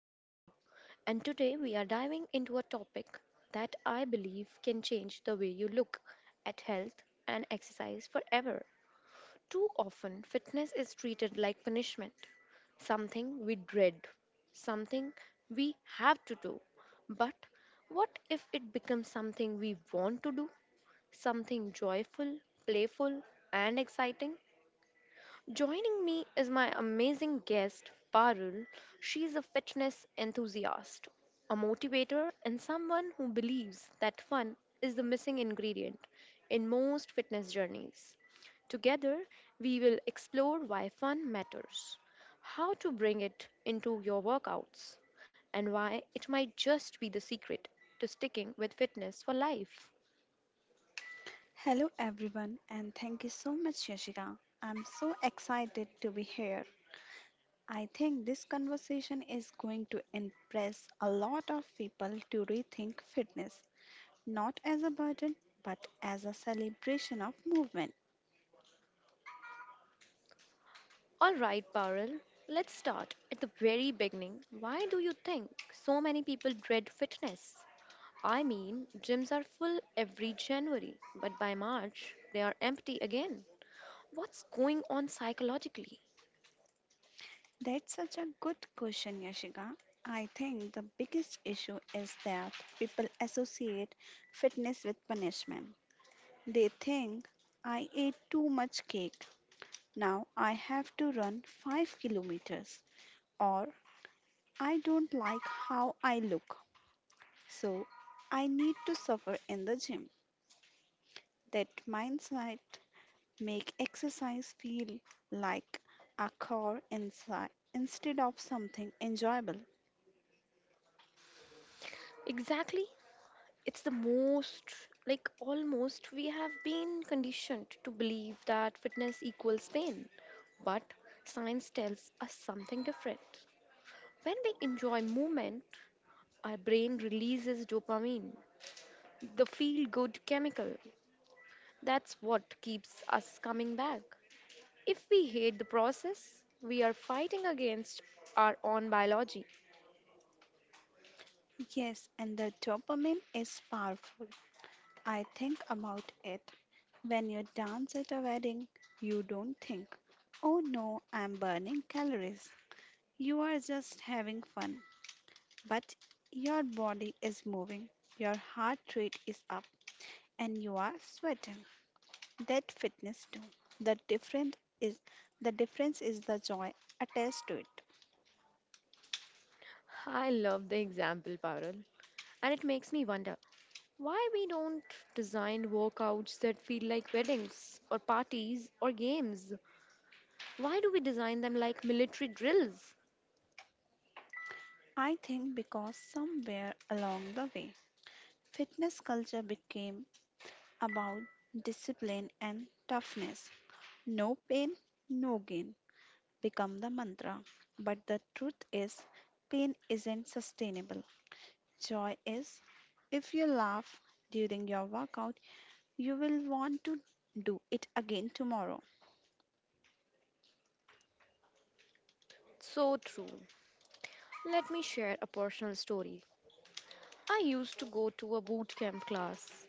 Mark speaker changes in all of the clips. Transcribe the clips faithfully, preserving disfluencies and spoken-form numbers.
Speaker 1: Yashika, and today we are diving into a topic that I believe can change the way you look at health and exercise forever. Too often, fitness is treated like punishment, something we dread, something we have to do. But what if it becomes something we want to do? Something joyful, playful, and exciting? Joining me is my amazing guest, Parul. She's a fitness enthusiast, a motivator, and someone who believes that fun is the missing ingredient in most fitness journeys. Together, we will explore why fun matters, how to bring it into your workouts, and why it might just be the secret to sticking with fitness for life.
Speaker 2: Hello, everyone, and thank you so much, Yashika. I'm so excited to be here. I think this conversation is going to impress a lot of people to rethink fitness, not as a burden, but as a celebration of movement.
Speaker 1: All right, Parul, let's start at the very beginning. Why do you think so many people dread fitness? I mean, gyms are full every January, but by March, they are empty again. What's going on psychologically?
Speaker 2: That's such a good question, Yashika. I think the biggest issue is that people associate fitness with punishment. They think I ate too much cake. Now I have to run 5 kilometers, or I don't like how I look. So I need to suffer in the gym. That mindset make exercise feel like a chore inside instead of something enjoyable.
Speaker 1: Exactly. It's the most, like almost, we have been conditioned to believe that fitness equals pain. But science tells us something different. When we enjoy movement, our brain releases dopamine, the feel good chemical. That's what keeps us coming back. If we hate the process, we are fighting against our own biology.
Speaker 2: Yes, and the dopamine is powerful. I think about it. When you dance at a wedding, you don't think, oh no, I'm burning calories. You are just having fun. But your body is moving, your heart rate is up, and you are sweating. That fitness too. The different is the difference is the joy attached to it.
Speaker 1: I love the example, Parul. And it makes me wonder why we don't design workouts that feel like weddings or parties or games. Why do we design them like military drills?
Speaker 2: I think because somewhere along the way, fitness culture became about discipline and toughness. No pain, no gain become the mantra. But the truth is, pain isn't sustainable. Joy is. If you laugh during your workout you will want to do it again tomorrow.
Speaker 1: So true. Let me share a personal story. I used to go to a boot camp class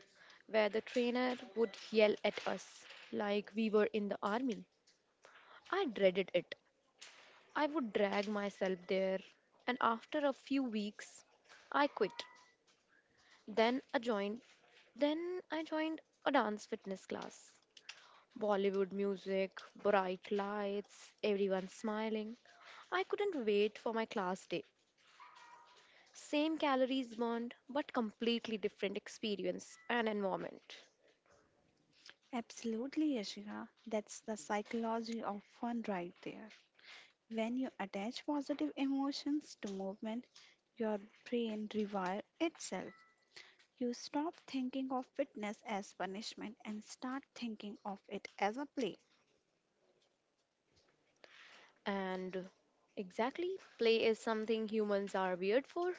Speaker 1: where the trainer would yell at us like we were in the army. I dreaded it. I would drag myself there, and after a few weeks, I quit. Then I joined then I joined a dance fitness class. Bollywood music, bright lights, everyone smiling. I couldn't wait for my class day. Same calories burned, but completely different experience and environment.
Speaker 2: Absolutely, Yashika. That's the psychology of fun right there. When you attach positive emotions to movement, your brain rewires itself. You stop thinking of fitness as punishment and start thinking of it as a play.
Speaker 1: And exactly, play is something humans are weird for.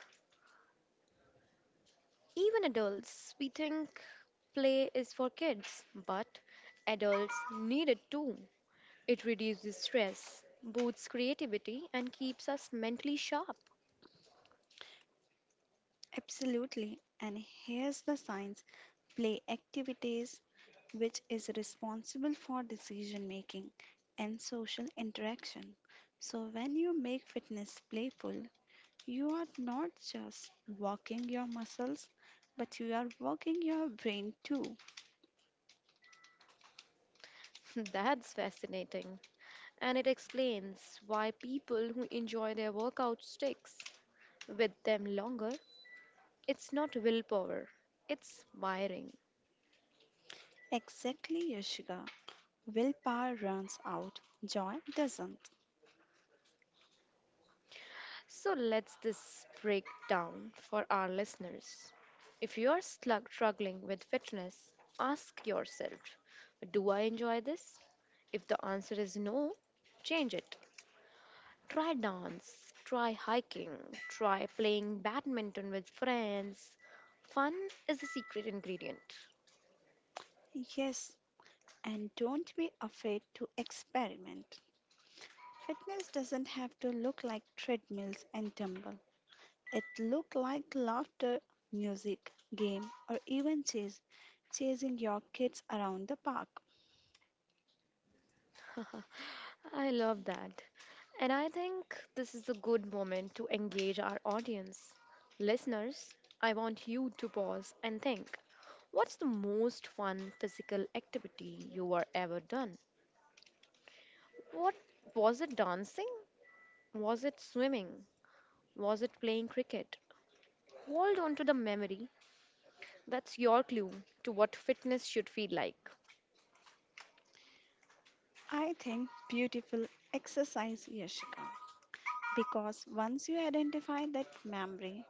Speaker 1: Even adults, we think play is for kids, but adults need it too. It reduces stress, boosts creativity, and keeps us mentally sharp.
Speaker 2: Absolutely. And here's the science. Play activities which is responsible for decision making and social interaction. So, when you make fitness playful, you are not just working your muscles, but you are working your brain too.
Speaker 1: That's fascinating. And it explains why people who enjoy their workout sticks with them longer. It's not willpower, it's wiring.
Speaker 2: Exactly, Yashika. Willpower runs out, joy doesn't.
Speaker 1: So let's this break down for our listeners. If you are slug- struggling with fitness, ask yourself, do I enjoy this? If the answer is no, change it. Try dance, try hiking, try playing badminton with friends. Fun is the secret ingredient.
Speaker 2: Yes, and don't be afraid to experiment. Fitness doesn't have to look like treadmills and dumbbells. It looked like laughter, music, game, or even chase, chasing your kids around the park.
Speaker 1: I love that. And I think this is a good moment to engage our audience. Listeners, I want you to pause and think what's the most fun physical activity you were ever done? What was it dancing? Was it swimming? Was it playing cricket? Hold on to the memory. That's your clue to what fitness should feel like.
Speaker 2: I think beautiful exercise, Yashika, because once you identify that memory,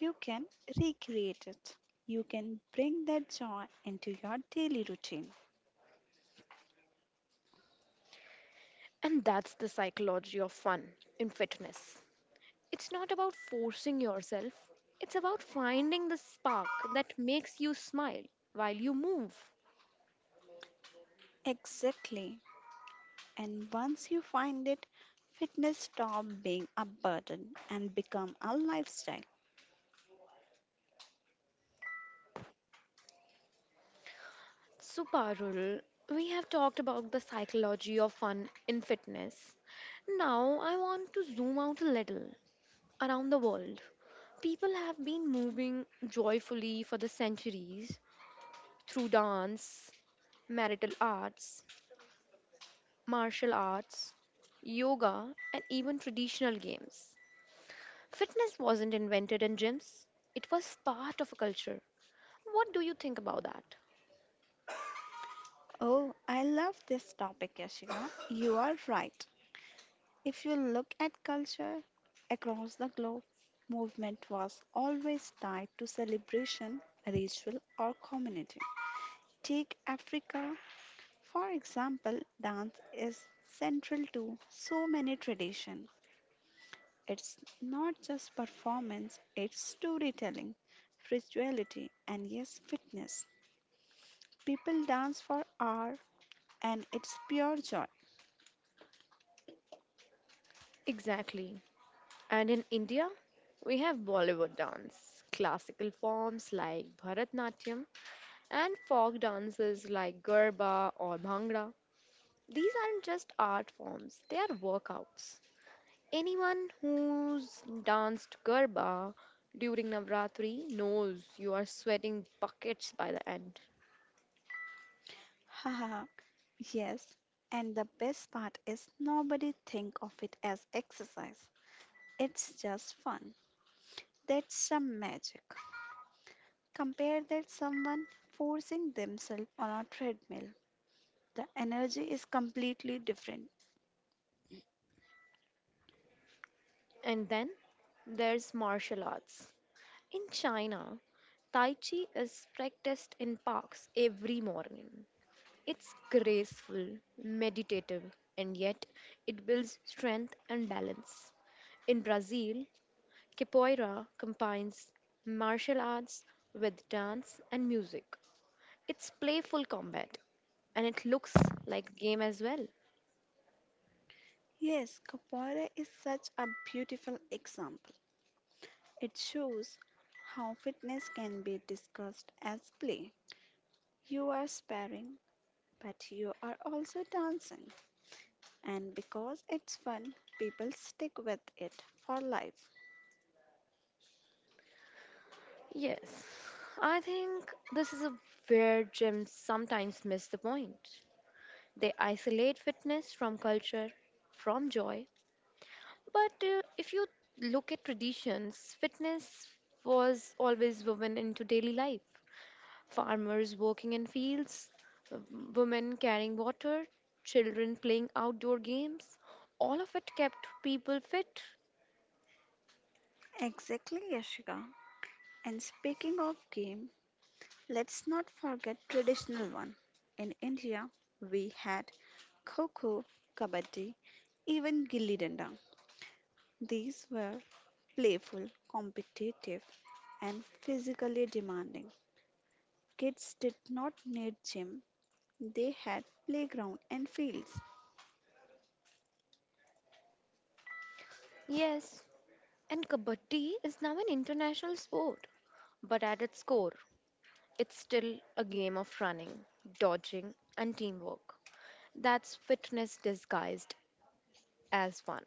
Speaker 2: you can recreate it. You can bring that joy into your daily routine.
Speaker 1: And that's the psychology of fun in fitness. It's not about forcing yourself, it's about finding the spark that makes you smile while you move.
Speaker 2: Exactly. And once you find it, fitness stop being a burden and become a lifestyle.
Speaker 1: So, Parul, we have talked about the psychology of fun in fitness. Now, I want to zoom out a little around the world. People have been moving joyfully for the centuries through dance, marital arts, martial arts, yoga, and even traditional games. Fitness wasn't invented in gyms, it was part of a culture. What do you think about that?
Speaker 2: Oh, I love this topic, Yashika. You are right. If you look at culture across the globe, movement was always tied to celebration, ritual, or community. Take Africa, for example, dance is central to so many traditions. It's not just performance, it's storytelling, spirituality, and yes, fitness. People dance for hours and it's pure joy.
Speaker 1: Exactly. And in India, we have Bollywood dance, classical forms like Bharatnatyam, and folk dances like Garba or Bhangra. These aren't just art forms, they are workouts. Anyone who's danced Garba during Navratri knows you are sweating buckets by the end.
Speaker 2: Haha, yes. And the best part is nobody think of it as exercise. It's just fun. That's some magic. Compare that someone forcing themselves on a treadmill. The energy is completely different.
Speaker 1: And then there's martial arts. In China, Tai Chi is practiced in parks every morning. It's graceful, meditative, and yet it builds strength and balance. In Brazil, capoeira combines martial arts with dance and music. It's playful combat and it looks like a game as well.
Speaker 2: Yes, Capoeira is such a beautiful example. It shows how fitness can be discussed as play. You are sparring, but you are also dancing. And because it's fun, people stick with it for life.
Speaker 1: Yes, I think this is a where gyms sometimes miss the point. They isolate fitness from culture, from joy. But uh, if you look at traditions, fitness was always woven into daily life. Farmers working in fields, w- women carrying water, children playing outdoor games, all of it kept people fit.
Speaker 2: Exactly, Yashika. And speaking of game, let's not forget traditional one. In India, we had kho-kho, kabaddi, even gilli danda. These were playful, competitive, and physically demanding. Kids did not need gym; they had playground and fields.
Speaker 1: Yes, and kabaddi is now an international sport, but at its core, it's still a game of running, dodging, and teamwork. That's fitness disguised as one.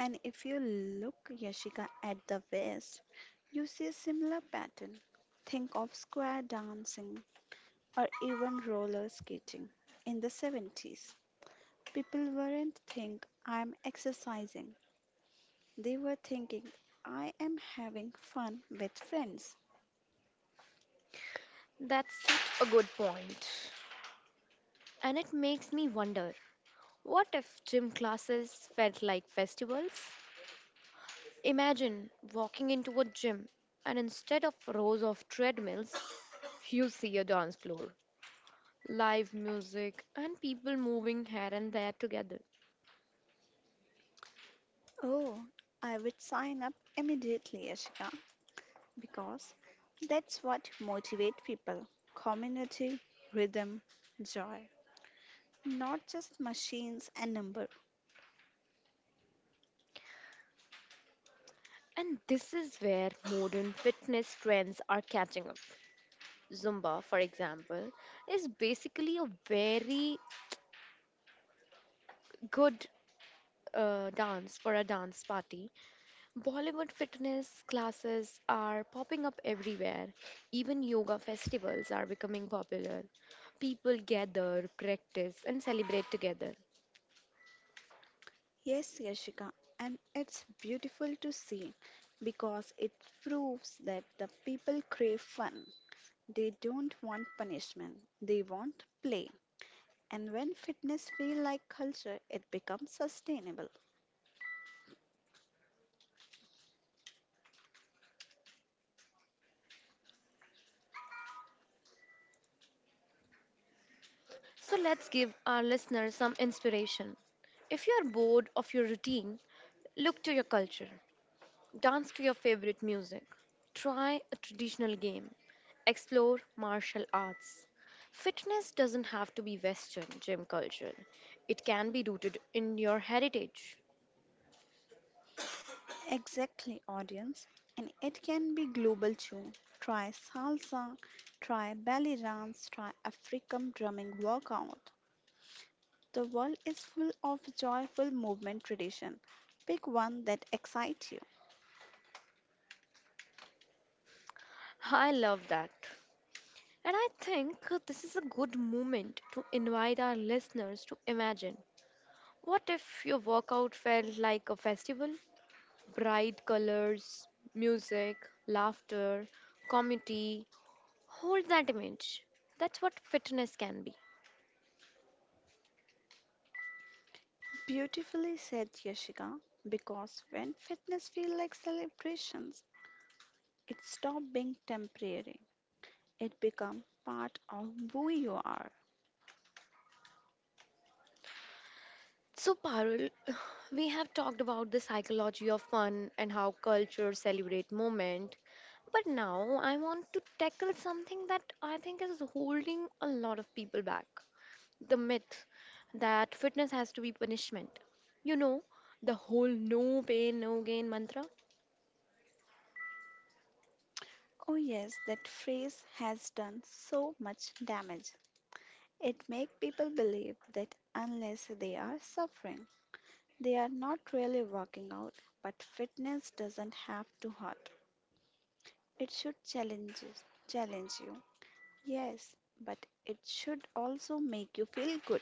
Speaker 2: And if you look, Yashika, at the West, you see a similar pattern. Think of square dancing or even roller skating. In the seventies, people weren't think I'm exercising. They were thinking I am having fun with friends.
Speaker 1: That's such a good point. And it makes me wonder what if gym classes felt like festivals? Imagine walking into a gym and instead of rows of treadmills, you see a dance floor, live music, and people moving here and there together.
Speaker 2: Oh, I would sign up immediately, Yashika, because that's what motivates people. Community, rhythm, joy. Not just machines and numbers.
Speaker 1: And this is where modern fitness trends are catching up. Zumba, for example, is basically a very good uh, dance for a dance party Bollywood fitness classes are popping up everywhere. Even yoga festivals are becoming popular. People gather, practice, and celebrate together.
Speaker 2: Yes, Yashika, and it's beautiful to see because it proves that the people crave fun. They don't want punishment, they want play. And when fitness feels like culture, it becomes sustainable.
Speaker 1: So let's give our listeners some inspiration. If you are bored of your routine, look to your culture, dance to your favorite music, try a traditional game, explore martial arts. Fitness doesn't have to be Western gym culture, it can be rooted in your heritage.
Speaker 2: Exactly, audience. And it can be global too. Try salsa, try belly dance, try African drumming workout. The world is full of joyful movement tradition. Pick one that excites you.
Speaker 1: I love that. And I think this is a good moment to invite our listeners to imagine what if your workout felt like a festival? Bright colors, music, laughter, community. Hold that image. That's what fitness can be.
Speaker 2: Beautifully said, Yashika, because when fitness feels like celebrations, it stops being temporary. It becomes part of who you are.
Speaker 1: So, Parul, we have talked about the psychology of fun and how cultures celebrate moment. But now I want to tackle something that I think is holding a lot of people back the myth that fitness has to be punishment. You know, the whole no pain, no gain mantra?
Speaker 2: Oh, yes, that phrase has done so much damage. It makes people believe that unless they are suffering, they are not really working out. But fitness doesn't have to hurt, it should challenge you. Challenge you. Yes, but it should also make you feel good.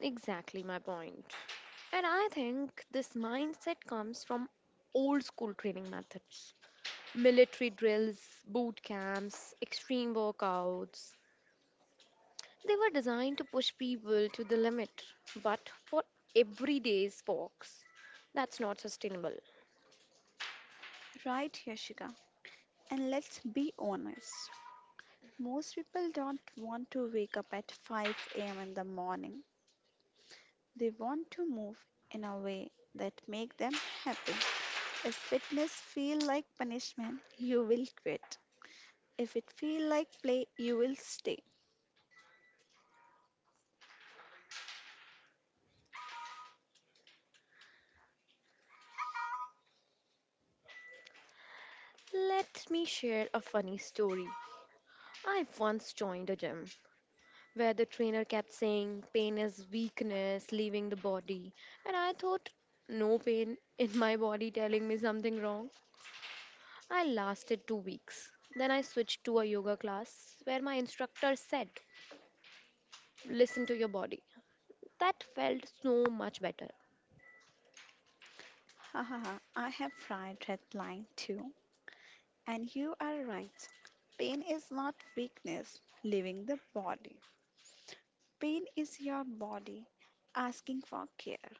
Speaker 1: Exactly my point. And I think this mindset comes from old school training methods military drills, boot camps, extreme workouts. They were designed to push people to the limit, but for everyday folks, that's not sustainable.
Speaker 2: Right, Yashika? And let's be honest, most people don't want to wake up at five a m in the morning. They want to move in a way that make them happy. If fitness feel like punishment, you will quit. If it feel like play, you will stay.
Speaker 1: Let me share a funny story. I once joined a gym where the trainer kept saying pain is weakness leaving the body. And I thought, no pain in my body telling me something wrong. I lasted two weeks. Then I switched to a yoga class where my instructor said, listen to your body. That felt so much better.
Speaker 2: Ha ha ha, I have tried red line too. And you are right. Pain is not weakness, leaving the body. Pain is your body asking for care.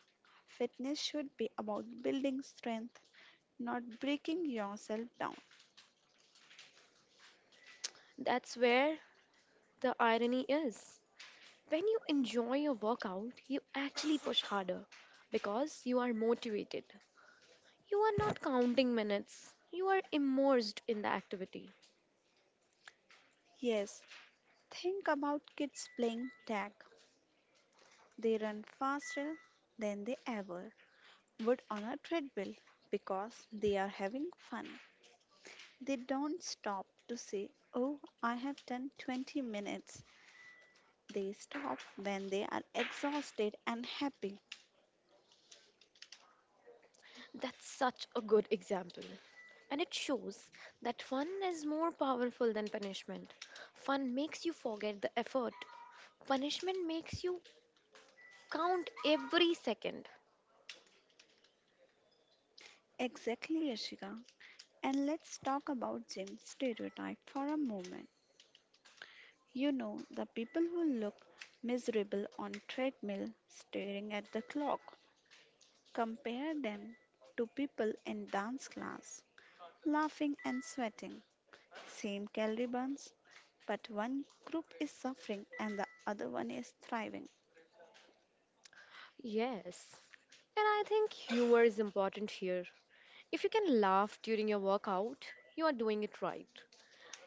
Speaker 2: Fitness should be about building strength, not breaking yourself down.
Speaker 1: That's where the irony is. When you enjoy your workout, you actually push harder because you are motivated. You are not counting minutes, you are immersed in the activity.
Speaker 2: Yes, think about kids playing tag. They run faster than they ever would on a treadmill because they are having fun. They don't stop to say, oh, I have done twenty minutes. They stop when they are exhausted and happy.
Speaker 1: That's such a good example. And it shows that fun is more powerful than punishment. Fun makes you forget the effort, punishment makes you count every second.
Speaker 2: Exactly, Yashika. And let's talk about gym stereotype for a moment. You know, the people who look miserable on treadmill staring at the clock. Compare them to people in dance class laughing and sweating, same calorie burns, but one group is suffering and the other one is thriving.
Speaker 1: Yes. And I think humor is important here. If you can laugh during your workout, you are doing it right.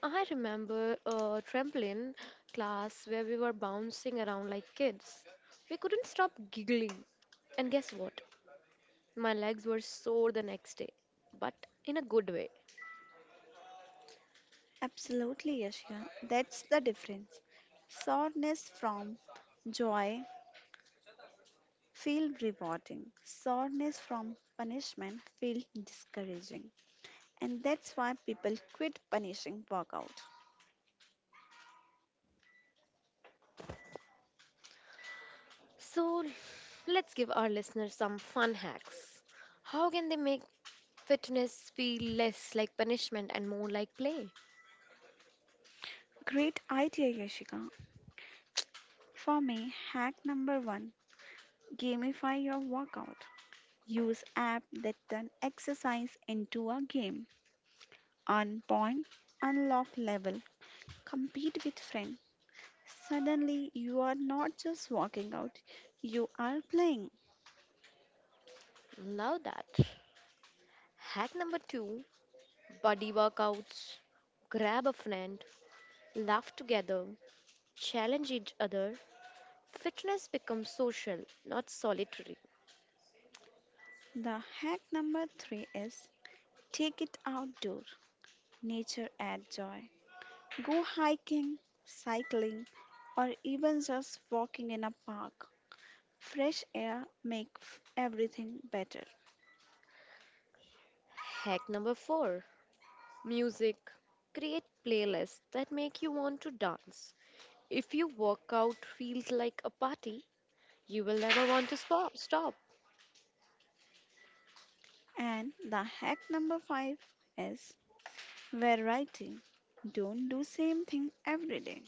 Speaker 1: I remember a trampoline class where we were bouncing around like kids. We couldn't stop giggling. And guess what? My legs were sore the next day, but in a good way.
Speaker 2: Absolutely, Yashika, that's the difference. Soreness from joy feel rewarding. Soreness from punishment feel discouraging. And that's why people quit punishing workout.
Speaker 1: So let's give our listeners some fun hacks. How can they make fitness feel less like punishment and more like play?
Speaker 2: Great idea, Yashika. For me, hack number one gamify your workout. Use app that turn exercise into a game. Earn point, unlock level, compete with friend. Suddenly, you are not just working out, you are playing.
Speaker 1: Love that. Hack number two body workouts. Grab a friend, laugh together, challenge each other. Fitness becomes social, not solitary.
Speaker 2: The hack number three is take it outdoor. Nature adds joy. Go hiking, cycling, or even just walking in a park. Fresh air makes everything better.
Speaker 1: Hack number four music. Create playlists that make you want to dance. If your workout feels like a party, you will never want to stop. Stop.
Speaker 2: And the hack number five is variety. Don't do same thing every day.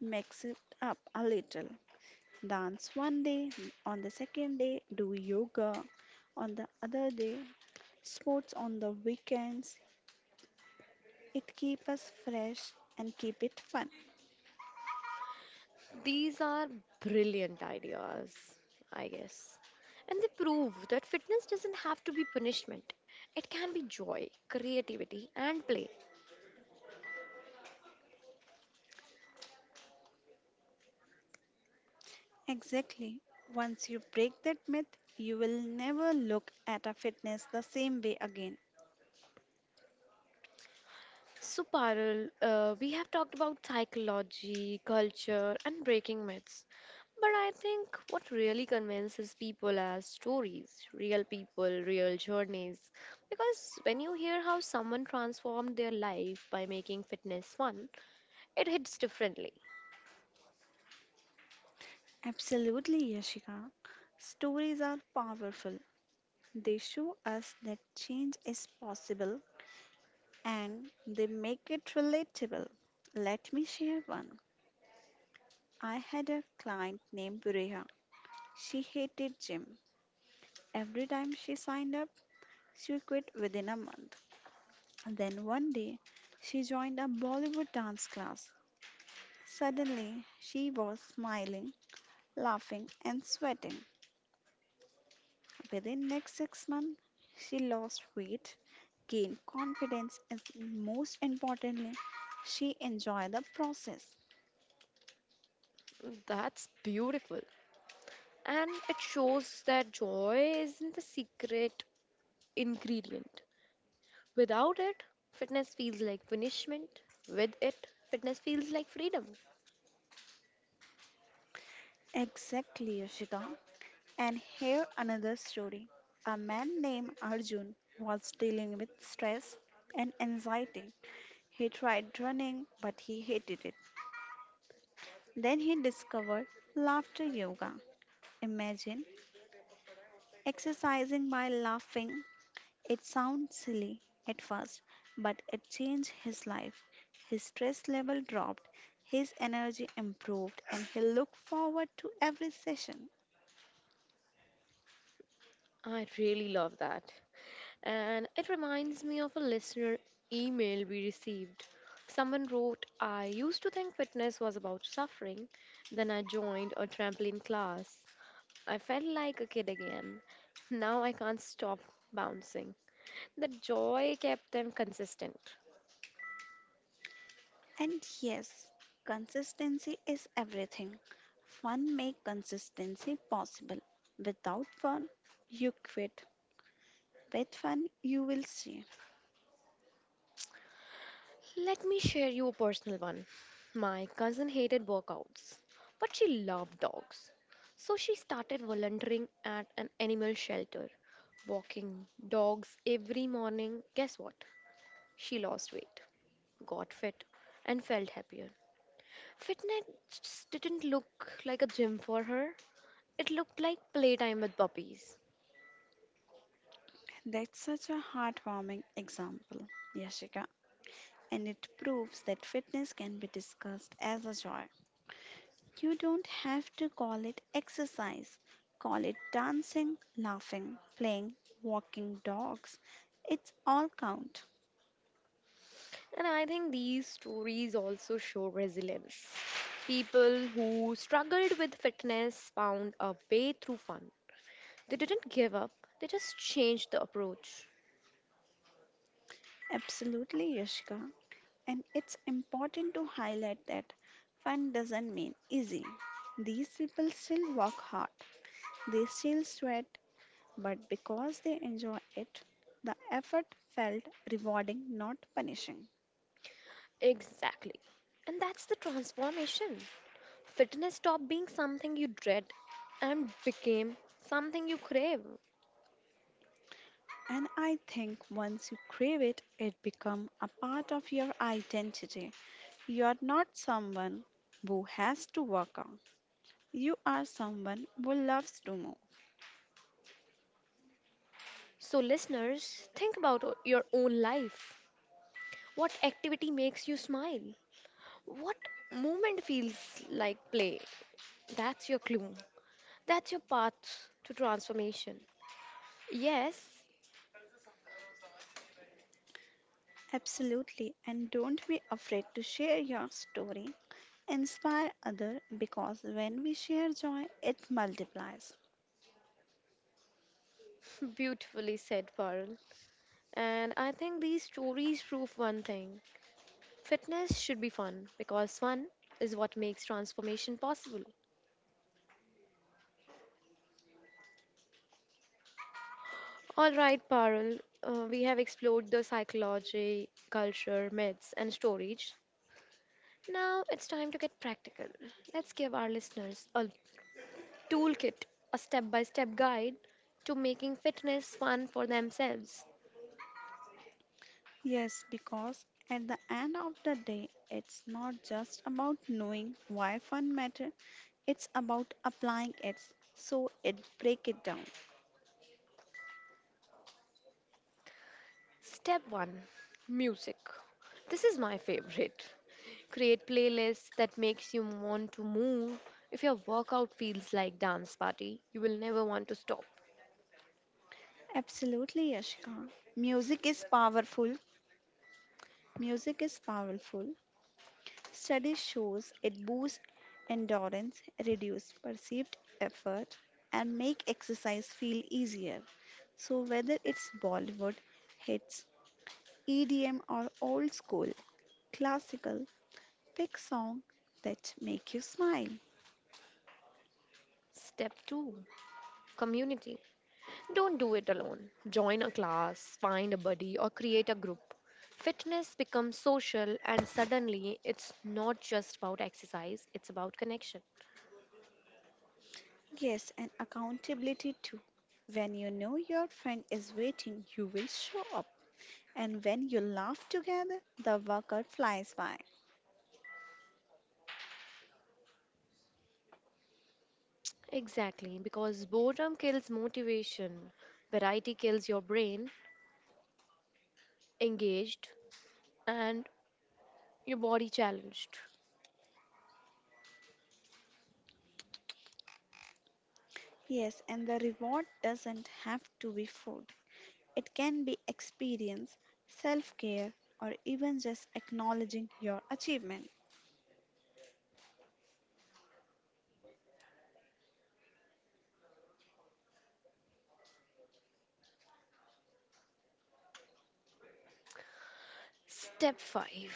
Speaker 2: Mix it up a little. Dance one day, on the second day do yoga, on the other day sports on the weekends. It keeps us fresh and keep it fun.
Speaker 1: These are brilliant ideas, I guess. And they prove that fitness doesn't have to be punishment. It can be joy, creativity, and play.
Speaker 2: Exactly. Once you break that myth, you will never look at a fitness the same way again.
Speaker 1: So, Parul, uh, we have talked about psychology, culture, and breaking myths. But I think what really convinces people are stories, real people, real journeys. Because when you hear how someone transformed their life by making fitness fun, it hits differently.
Speaker 2: Absolutely, Yashika. Stories are powerful. They show us that change is possible and they make it relatable. Let me share one. I had a client named Bureha. She hated gym. Every time she signed up, she quit within a month. Then one day, she joined a Bollywood dance class. Suddenly, she was smiling, laughing, and sweating. Within next six months, she lost weight, gained confidence, and most importantly, she enjoyed the process.
Speaker 1: That's beautiful. And it shows that joy isn't the secret ingredient. Without it, fitness feels like punishment. With it, fitness feels like freedom.
Speaker 2: Exactly, Yoshika. And here another story. A man named Arjun was dealing with stress and anxiety. He tried running, but he hated it. Then he discovered laughter yoga. Imagine exercising by laughing. It sounds silly at first, but it changed his life. His stress level dropped, his energy improved, and he looked forward to every session.
Speaker 1: I really love that. And it reminds me of a listener email we received. Someone wrote, I used to think fitness was about suffering. Then I joined a trampoline class. I felt like a kid again. Now I can't stop bouncing. The joy kept them consistent.
Speaker 2: And yes, consistency is everything. Fun make consistency possible. Without fun, you quit. With fun, you will see.
Speaker 1: Let me share you a personal one. My cousin hated workouts, but she loved dogs. So she started volunteering at an animal shelter, walking dogs every morning. Guess what? She lost weight, got fit, and felt happier. Fitness didn't look like a gym for her, it looked like playtime with puppies.
Speaker 2: That's such a heartwarming example, Yashika, and it proves that fitness can be discussed as a joy. You don't have to call it exercise. Call it dancing, laughing, playing, walking dogs. It's all count.
Speaker 1: And I think these stories also show resilience. People who struggled with fitness found a way through fun. They didn't give up, they just changed the approach.
Speaker 2: Absolutely, Yashika. And it's important to highlight that fun doesn't mean easy. These people still work hard, they still sweat, but because they enjoy it, the effort felt rewarding, not punishing.
Speaker 1: Exactly. And that's the transformation. Fitness stopped being something you dread and became something you crave.
Speaker 2: And I think once you crave it, it becomes a part of your identity. You are not someone who has to work out. You are someone who loves to move.
Speaker 1: So, listeners, think about o- your own life. What activity makes you smile? What movement feels like play? That's your clue. That's your path to transformation. Yes,
Speaker 2: Absolutely. And don't be afraid to share your story. Inspire others because when we share joy, it multiplies.
Speaker 1: beautifully said, Parul. And I think these stories prove one thing fitness should be fun because fun is what makes transformation possible. All right, Parul, uh, we have explored the psychology, culture, myths, and stories. Now it's time to get practical. Let's give our listeners a toolkit, a step by step guide to making fitness fun for themselves.
Speaker 2: Yes, because at the end of the day, it's not just about knowing why fun matter, it's about applying it. So it break it down.
Speaker 1: Step one Music. This is my favorite. Create playlists that makes you want to move. If your workout feels like dance party, you will never want to stop.
Speaker 2: Absolutely, Yashika. Music is powerful. Music is powerful. Studies shows it boosts endurance, reduces perceived effort and make exercise feel easier. So whether it's Bollywood hits, E D M or old school classical, pick song that make you smile.
Speaker 1: Step two Community. Don't do it alone. Join a class, find a buddy or create a group. Fitness becomes social and suddenly it's not just about exercise, it's about connection.
Speaker 2: Yes, and accountability too. When you know your friend is waiting, you will show up. And when you laugh together, the workout flies by.
Speaker 1: Exactly, because boredom kills motivation, variety kills your brain, engaged and your body challenged.
Speaker 2: Yes, and the reward doesn't have to be food. It can be experience, self care, or even just acknowledging your achievement.
Speaker 1: Step five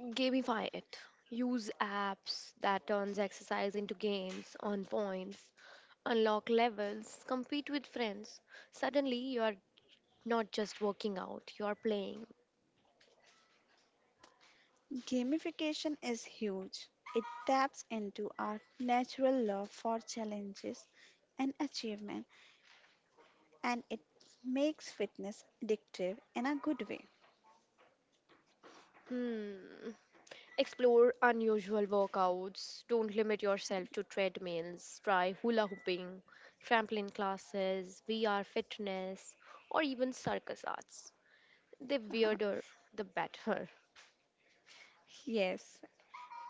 Speaker 1: Gamify it. Use apps that turns exercise into games, earn points, unlock levels, compete with friends. Suddenly you are not just working out, you are playing.
Speaker 2: Gamification is huge. It taps into our natural love for challenges and achievement, and it makes fitness addictive in a good way.
Speaker 1: Hmm. Explore unusual workouts. Don't limit yourself to treadmills. Try hula hooping, trampoline classes, V R fitness, or even circus arts. The weirder, the better.
Speaker 2: Yes,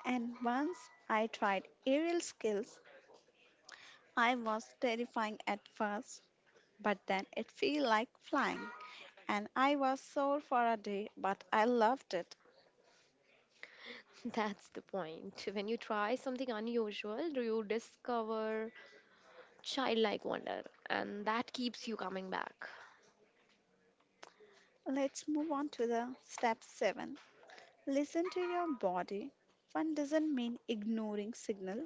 Speaker 2: and once I tried aerial skills, I was terrifying at first, but then it felt like flying, and I was sore for a day, but I loved it.
Speaker 1: That's the point. When you try something unusual, do you discover childlike wonder, and that keeps you coming back.
Speaker 2: Let's move on to the step seven. Listen to your body. Fun doesn't mean ignoring signal.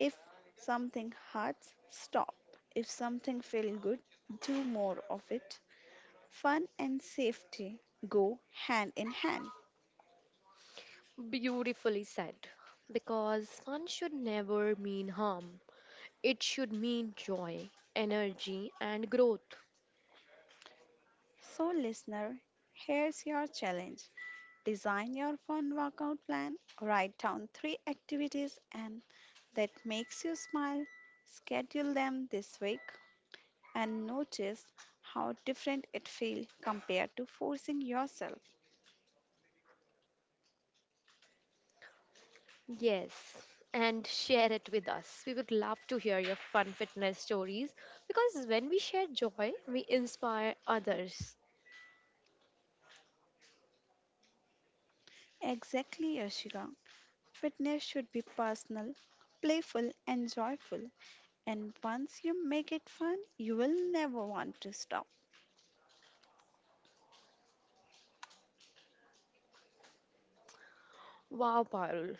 Speaker 2: If something hurts, stop. If something feels good, do more of it. Fun and safety go hand in hand.
Speaker 1: Beautifully said. Because fun should never mean harm, it should mean joy, energy, and growth.
Speaker 2: So listener, here's your challenge. Design your fun workout plan, write down three activities and that makes you smile. Schedule them this week and notice how different it feels compared to forcing yourself.
Speaker 1: Yes, and share it with us. We would love to hear your fun fitness stories because when we share joy, we inspire others.
Speaker 2: Exactly, Arshika. Fitness should be personal, playful, and joyful. And once you make it fun, you will never want to stop.
Speaker 1: Wow, Parul,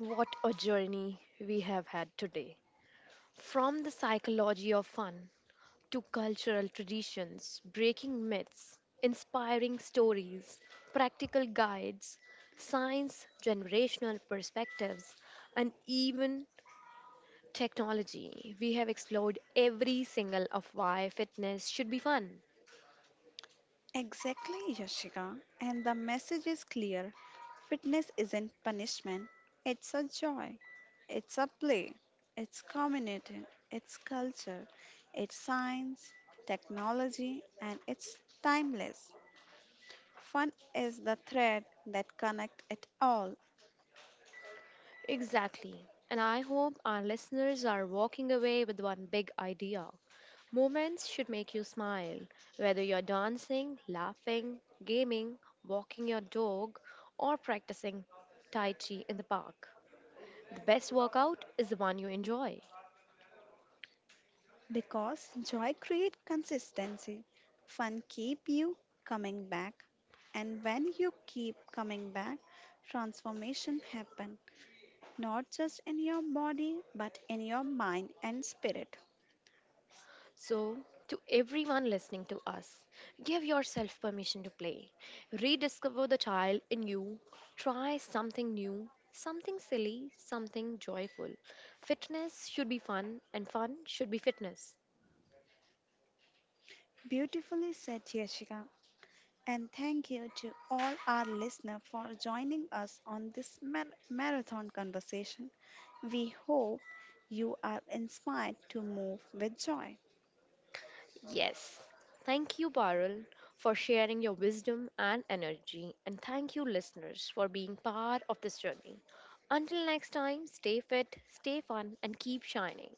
Speaker 1: what a journey we have had today. From the psychology of fun to cultural traditions, breaking myths, inspiring stories, practical guides, science, generational perspectives, and even technology, we have explored every single of why fitness should be fun.
Speaker 2: Exactly, Yashika. And the message is clear. Fitness isn't punishment, it's a joy, it's a play, it's community, it's culture, it's science, technology, and it's timeless. Fun is the thread that connects it all
Speaker 1: Exactly. And I hope our listeners are walking away with one big idea. Moments should make you smile, whether you're dancing, laughing, gaming, walking your dog, or practicing Tai Chi in the park. The best workout is the one you enjoy.
Speaker 2: because joy creates consistency. Fun keep you coming back and when you keep coming back transformation happen not just in your body but in your mind and spirit.
Speaker 1: So, to everyone listening to us, give yourself permission to play. Rediscover the child in you. Try something new, something silly, something joyful. Fitness should be fun, and fun should be fitness.
Speaker 2: Beautifully said Yashika and thank you to all our listeners for joining us on this mar- marathon conversation. We hope you are inspired to move with joy.
Speaker 1: Yes. Thank you, Parul, for sharing your wisdom and energy. And thank you, listeners, for being part of this journey. Until next time, stay fit, stay fun, and keep shining.